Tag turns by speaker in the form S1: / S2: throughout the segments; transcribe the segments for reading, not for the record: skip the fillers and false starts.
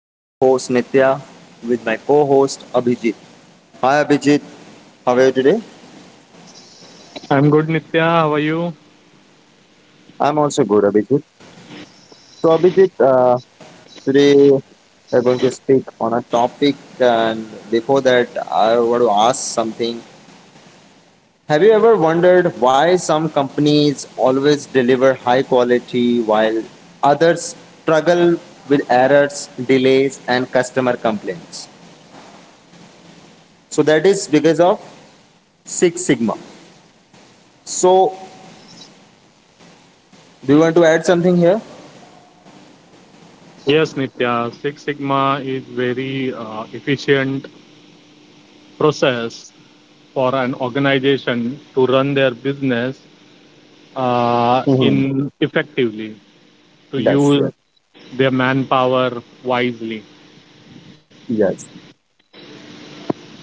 S1: I'm your host Nitya with my co-host Abhijit. Hi Abhijit, how are you today?
S2: I'm good, Nitya. How are you?
S1: I'm also good, Abhijit. So Abhijit, today we're going to speak on a topic, and before that, I want to ask something. Have you ever wondered why some companies always deliver high quality while others struggle with errors, delays, and customer complaints? So that is because of Six Sigma. So, do you want to add something here?
S2: Yes, Nitya. Six Sigma is very efficient process for an organization to run their business
S1: hmm
S2: in effectively to
S1: Yes,
S2: use
S1: yes,
S2: their manpower wisely.
S1: yes.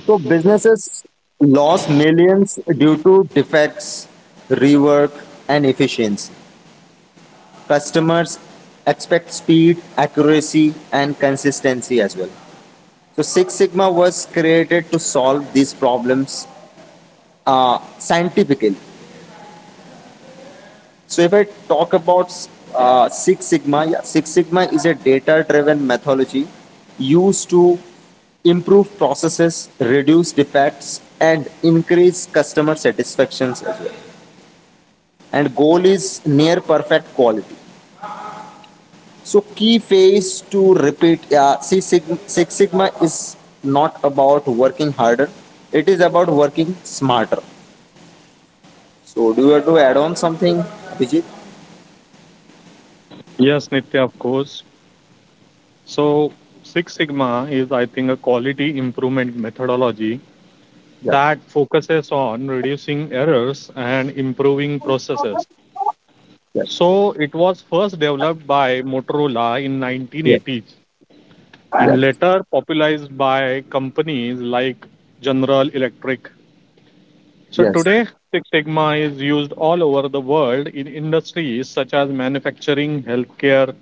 S1: So businesses lost millions due to defects, rework, and efficiency. Customers expect speed, accuracy, and consistency as well. So Six Sigma was created to solve these problems scientifically. So if I talk about Six Sigma, yeah, Six Sigma is a data-driven methodology used to improve processes, reduce defects, and increase customer satisfactions as well. And goal is near perfect quality. So key phase to repeat. Yeah, see, Six Sigma is not about working harder. It is about working smarter. So do you have to add on something, Vijit?
S2: Yes, Nitya, of course. So, Six Sigma is, I think, a quality improvement methodology
S1: Yes,
S2: that focuses on reducing errors and improving processes.
S1: yes,
S2: So it was first developed by Motorola in
S1: yes, yes,
S2: 1980s and later popularized by companies like General Electric. So
S1: yes.
S2: today Six Sigma is used all over the world in industries such as manufacturing, healthcare,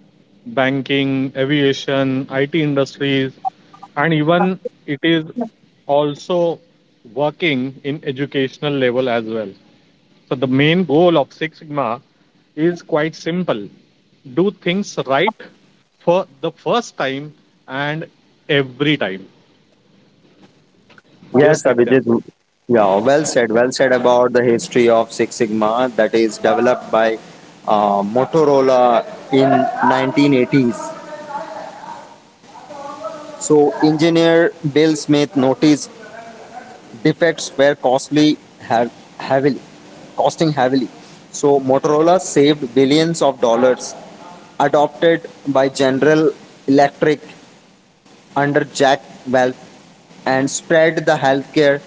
S2: banking, aviation, IT industries, and even it is also working in educational level as well. So the main goal of Six Sigma is quite simple. Do things right for the first time and every time.
S1: Yes,
S2: Yes, Nitya.
S1: Abhijit. Yeah, well said. Well said about the history of Six Sigma that is developed by Motorola in 1980s. So engineer Bill Smith noticed defects were costly have heavily, costing heavily. So Motorola saved billions of dollars adopted by General Electric under Jack Welch and spread the healthcare,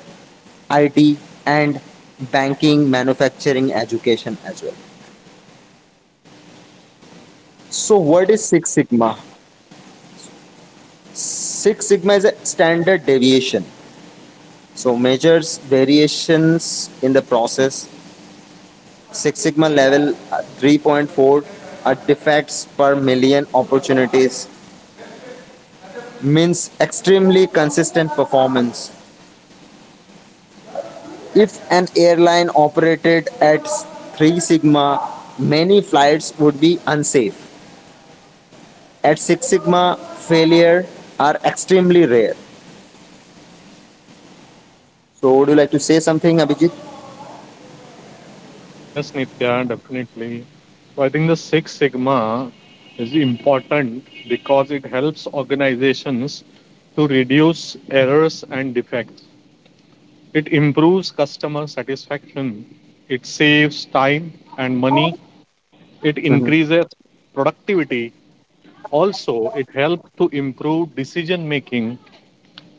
S1: IT, and banking, manufacturing, education as well. So, what is Six Sigma? Six Sigma is a standard deviation. So, measures variations in the process. Six Sigma level 3.4 are defects per million opportunities, means extremely consistent performance. If an airline operated at Three Sigma, many flights would be unsafe. At Six Sigma, failure are extremely rare. So, would you like to say something, Abhijit?
S2: Yes, Nitya, definitely. So I think the Six Sigma is important because it helps organizations to reduce errors and defects. It improves customer satisfaction. It saves time and money. It
S1: Mm-hmm.
S2: increases productivity. Also, it helped to improve decision making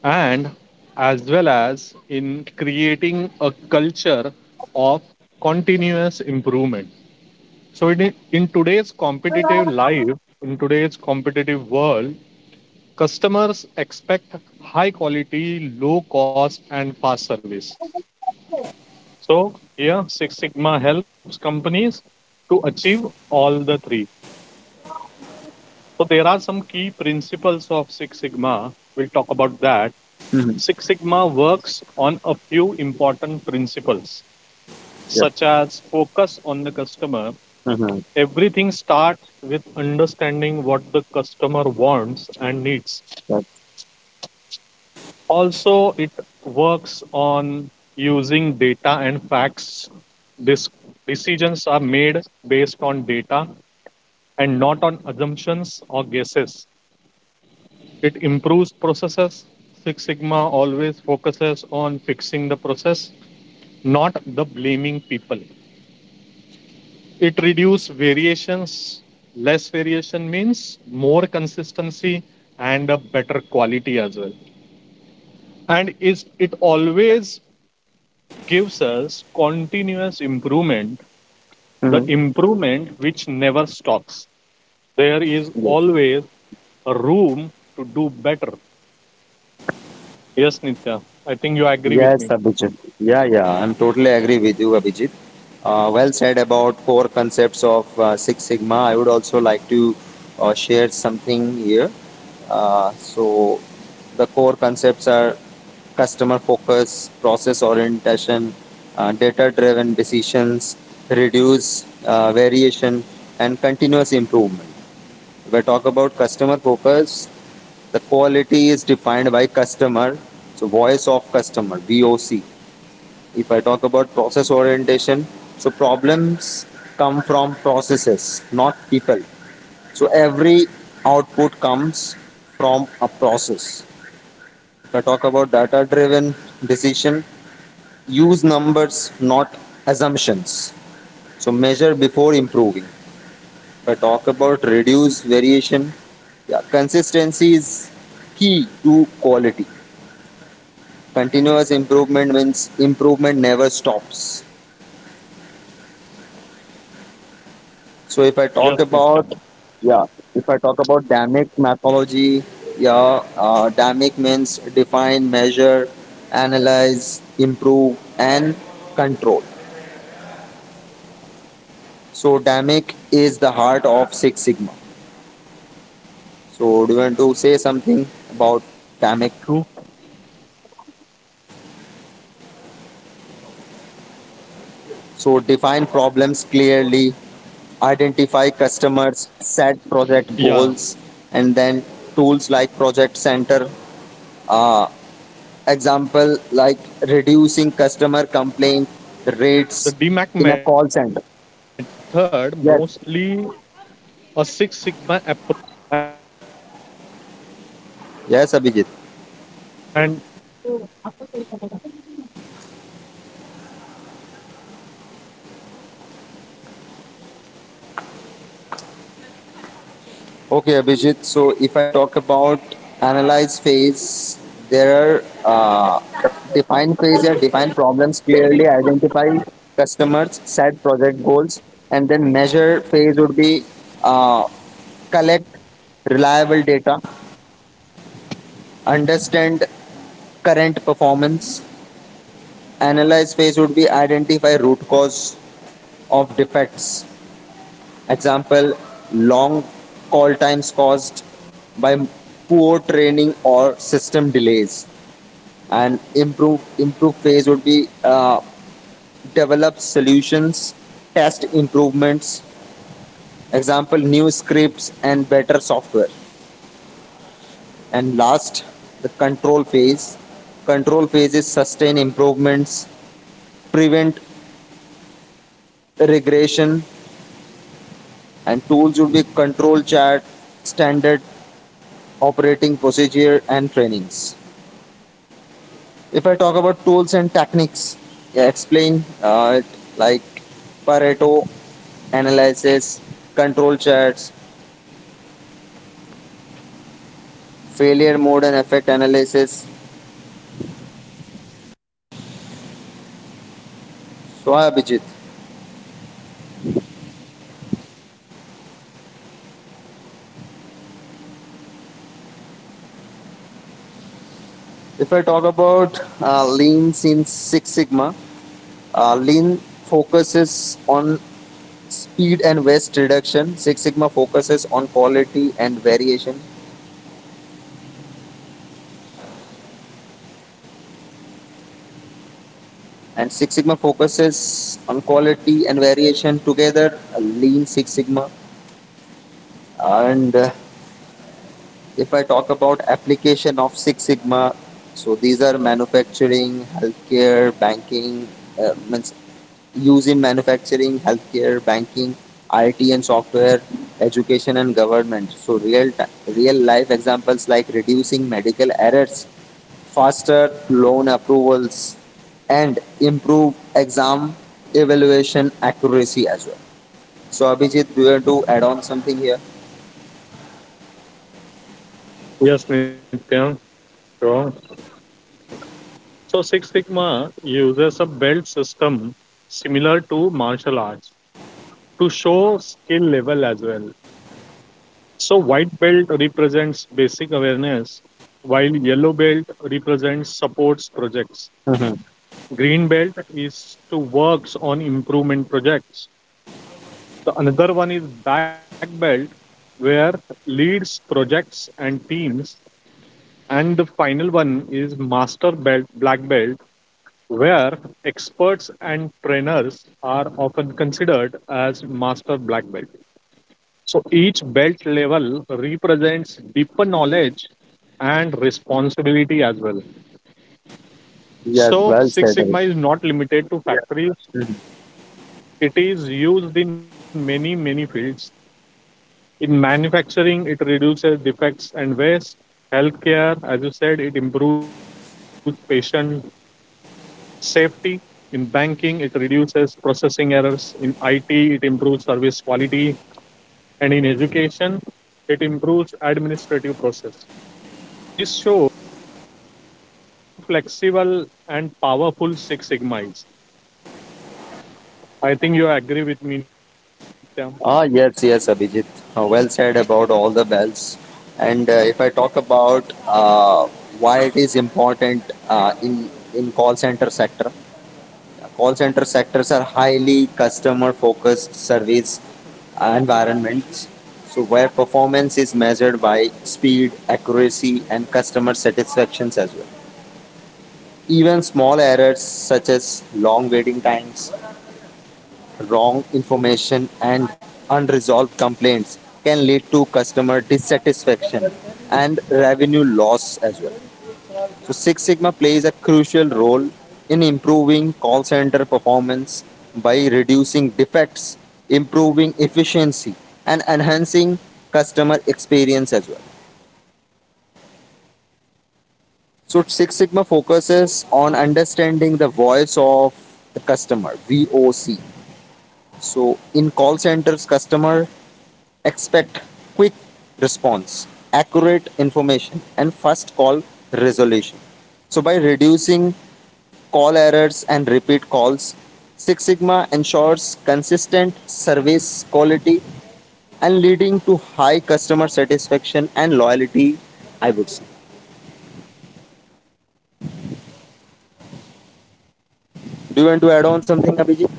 S2: and as well as in creating a culture of continuous improvement. So, in today's competitive life, in today's competitive world, customers expect high quality, low cost, and fast service. So, here Six Sigma helps companies to achieve all the three. So, there are some key principles of Six Sigma. We'll talk about that.
S1: Mm-hmm.
S2: Six Sigma works on a few important principles,
S1: Yes.
S2: such as focus on the customer.
S1: Mm-hmm.
S2: Everything starts with understanding what the customer wants and needs.
S1: Yes.
S2: Also, it works on using data and facts. This decisions are made based on data and on assumptions or guesses. It improves processes. Six Sigma always focuses on fixing the process not the blaming people. It variations. Less variation means more consistency and a better quality as well. And is it always gives us continuous improvement, the
S1: Mm-hmm.
S2: improvement which never stops. There is
S1: Yes.
S2: always a room to do better. Yes, Nitya. I think you agree with
S1: Yes,
S2: me.
S1: Abhijit. Yeah, I'm totally agree with you, Abhijit. Well said about core concepts of Six Sigma. I would also like to share something here. So, the core concepts are customer focus, process orientation, data driven decisions, reduce variation, and continuous improvement. If I talk about customer focus, the quality is defined by customer, so voice of customer, VOC. If I talk about process orientation, so problems come from processes, not people. So every output comes from a process. If I talk about data driven decision, use numbers, not assumptions. So measure before improving. If I talk about reduce variation, yeah, consistency is key to quality. Continuous improvement means improvement never stops. So if I talk
S2: Yes,
S1: about
S2: Nitya.
S1: yeah, if I talk about dynamic methodology, yeah, dynamic means define, measure, analyze, improve, and control. So dynamic is the heart of Six Sigma. So do you want to say
S2: Yes,
S1: something
S2: Nitya, you're
S1: about
S2: true.
S1: dynamic?
S2: Yeah. The DMAC method
S1: So
S2: mostly
S1: define problems
S2: a Six
S1: clearly,
S2: Sigma approach.
S1: identify customers,
S2: And
S1: set project goals, and then tools like Project Center, example like reducing customer complaint rates in a call center. Yes, yes, Abhijit.
S2: yes, Nitya, the DMAC method is often used in Six Sigma. So it have 5 steps. So we'll talk
S1: Okay,
S2: about that
S1: Abhijit.
S2: as well.
S1: So if I talk about analyze phase, there are define phase yeah, define problems clearly identify customers set project goals and then measure phase would be uh, collect reliable data, understand current performance, analyze phase would be identify root cause of defects. Example, long call times caused by poor training or system delays. And improve phase would be develop solutions, test improvements. Example, new scripts and better software. And last, the control phase. Control phase is sustain improvements, prevent regression, and tools would be control chart, standard operating procedure, and trainings. If I talk about tools and techniques, yeah, explain like Pareto analysis, control charts, failure mode and effect analysis. So, hi, Abhijit. If I talk about Lean in Six Sigma, Lean focuses on speed and waste reduction. Six Sigma focuses on quality and variation. And Six Sigma focuses on quality and variation together. Lean Six Sigma. And If I talk about application of Six Sigma, so these are manufacturing, healthcare, banking, means use in manufacturing, healthcare, banking, IT and software, education and government. So real life examples like reducing medical errors, faster loan approvals, and improve exam evaluation accuracy as well. So Abhijit, do you want to add on something here?
S2: Yes, Nitya, sure. So Six Sigma uses a belt system similar to martial arts to show skill level as well. So white belt represents basic awareness, while yellow belt represents supports projects.
S1: Mhm.
S2: Green belt is to works on improvement projects. The another one is black belt where leads projects and teams, and the final one is master belt black belt where experts and trainers are often considered as master black belt. So each belt level represents deeper knowledge and responsibility as well.
S1: Yes,
S2: So
S1: well
S2: Six
S1: said.
S2: Sigma
S1: Abhijit.
S2: is not limited to, yeah, factories, it is used in many fields. In manufacturing, it reduces defects and waste. Healthcare, as you said, it improves patient safety. In banking, it reduces processing errors. In IT, it improves service quality. And in education, it improves administrative process. So this shows how flexible and powerful Six Sigma is. I think you agree with me, Nitya.
S1: Ah, yes, yes, Abhijit. Well said about all the bells. And if I talk about why it is important in call center sector, call center sectors are highly customer focused service environments. So where performance is measured by speed, accuracy, and customer satisfactions as well. Even small errors such as long waiting times wrong information and unresolved complaints can lead to customer dissatisfaction and revenue loss as well. So Six Sigma plays a crucial role in improving call center performance by reducing defects, improving efficiency and enhancing customer experience as well. So Six Sigma focuses on understanding the voice of the customer, VOC. So in call centers, customer expect quick response, accurate information, and fast call resolution. So, by reducing call errors and repeat calls, Six Sigma ensures consistent service quality and leading to high customer satisfaction and loyalty. I would say. Do you want to add on something, Abhijit?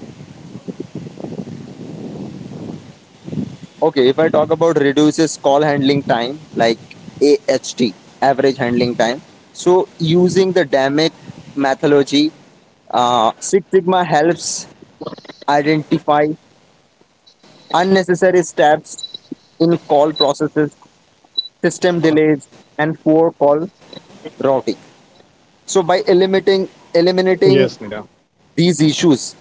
S1: Okay, if I talk about reduces call handling time, like AHT, average handling time. So using the DAMIC methodology, Six Sigma helps identify unnecessary steps in call processes, system delays, and poor call routing. So by eliminating
S2: Yes, Nitya.
S1: eliminating these issues,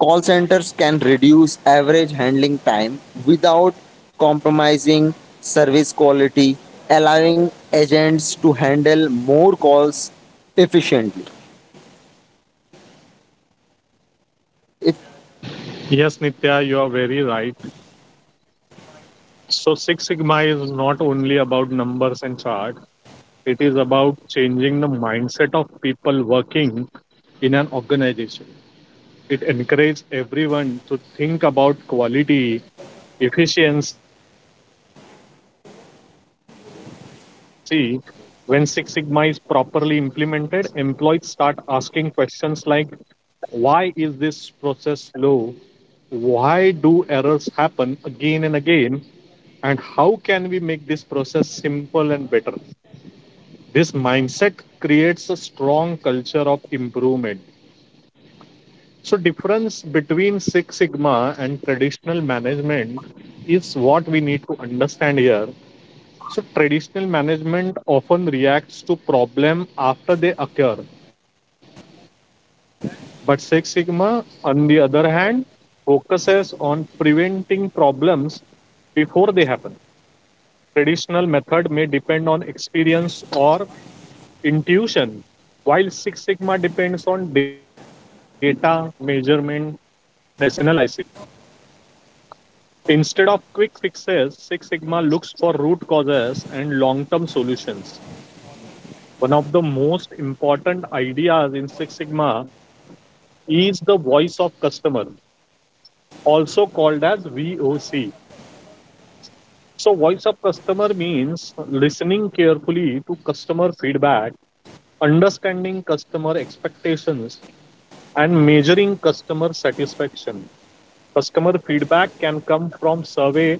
S1: call centers can reduce average handling time without compromising service quality, allowing agents to handle more calls efficiently. If
S2: Yes, Nitya, you are very right. So Six Sigma is not only about numbers and chart. It is about changing the mindset of people working in an organization. It encourages everyone to think about quality, efficiency, and customer satisfactions every day. When Six Sigma is properly implemented, employees start asking questions like why is process slow? Why do errors happen again and again? And how can we make this process simple and better? This mindset creates a strong culture of improvement. So difference between Six Sigma and traditional management is what we need to understand here. So traditional management often reacts to problem after they occur, but Six Sigma, on the other hand, focuses on preventing problems before they happen. Traditional method may depend on experience or intuition, while Six Sigma depends on data, measurement, and analysis. Instead of quick fixes, Six Sigma looks for root causes and long term solutions. One of the most important ideas in Six Sigma is the voice of customer, also called as VOC. So, voice of customer means listening carefully to customer feedback, understanding customer expectations, and measuring customer satisfaction. Customer feedback can come from survey,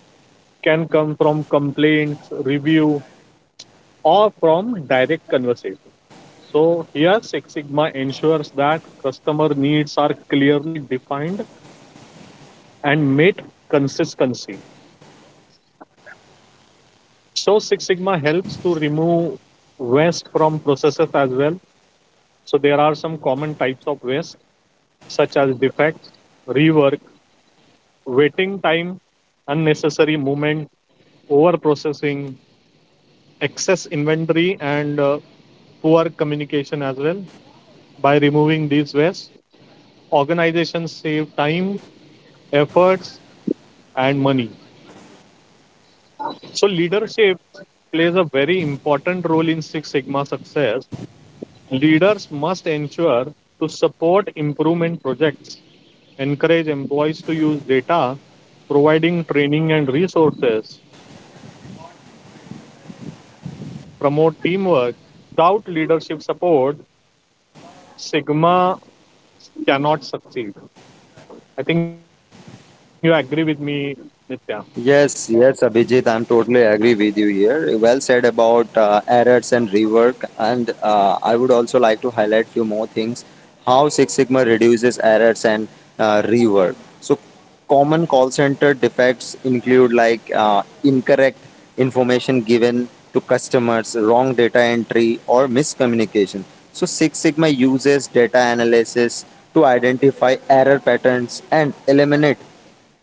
S2: can come from complaints, review, or from direct conversation. So here Six Sigma ensures that customer needs are clearly defined and met consistency. So Six Sigma helps to remove waste from processes as well. So there are some common types of waste such as defects, rework, waiting time, unnecessary movement, over processing, excess inventory, and poor communication as well. By removing these waste, organizations save time, efforts, and money. So, leadership plays a very important role in Six Sigma success. Leaders must ensure to support improvement projects, encourage employees to use data, providing training and resources, promote teamwork, and reward innovation. Because without leadership support, Sigma cannot succeed. I think you agree with me, Nitya.
S1: yes, yes, Abhijit, I'm totally agree with you here. Well said about errors and rework, and I would also like to highlight few more things. How Six Sigma reduces errors and rework. So, common call center defects include like incorrect information given to customers, wrong data entry, or miscommunication. So, Six Sigma uses data analysis to identify error patterns and eliminate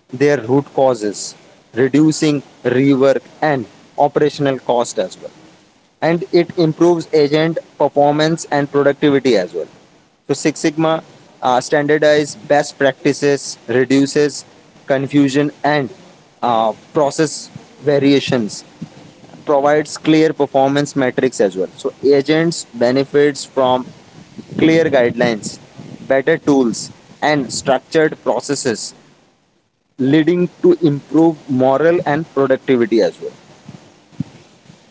S1: their root causes, reducing rework and operational cost as well. And it improves agent performance and productivity as well. So Six Sigma standardize best practices, reduces confusion and process variations, provides clear performance metrics as well. So agents benefits from clear guidelines, better tools, and structured processes leading to improve morale and productivity as well.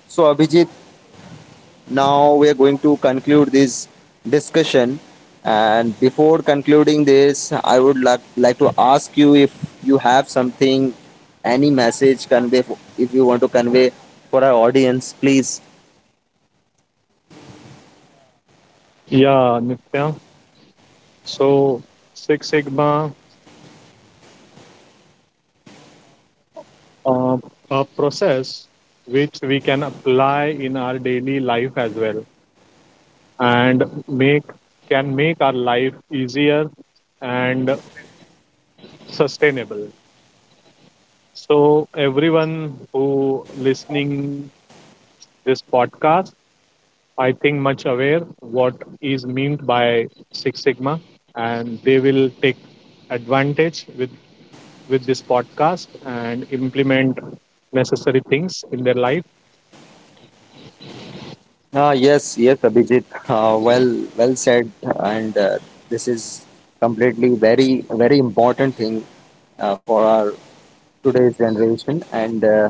S1: So, Abhijit, now we are going to conclude this discussion. And before concluding this, I would like to ask you if you have something, any message convey, if you want to convey for our audience, please.
S2: Yeah, Nitya. So, Six Sigma uh, is a process which we can apply in our daily life as well, and make can make our life easier and sustainable. So, everyone who listening this podcast, I think much aware what is meant by Six Sigma, and they will take advantage with this podcast and implement necessary things in their life
S1: Ah, yes, yes, Abhijit. Well said. And this is completely very, very important thing for our today's generation and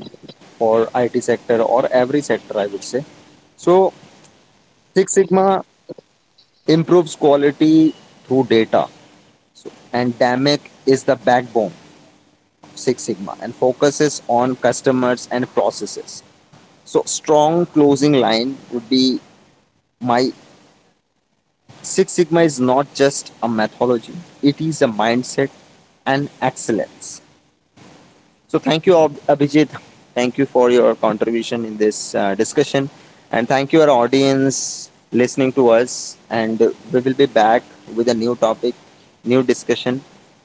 S1: for IT sector or every sector, I would say. So Six Sigma improves quality through data, so, and DAMIC is the backbone of Six Sigma and focuses on customers and processes. So strong closing line would be my Six Sigma is not just a methodology; it is a mindset and excellence. So thank you, Abhijit. Thank you for your contribution in this discussion, and thank you our audience listening to us. And we will be back with a new topic, new discussion.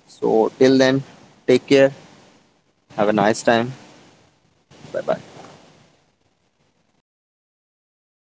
S1: So till then, take care. Have a nice time. Bye bye.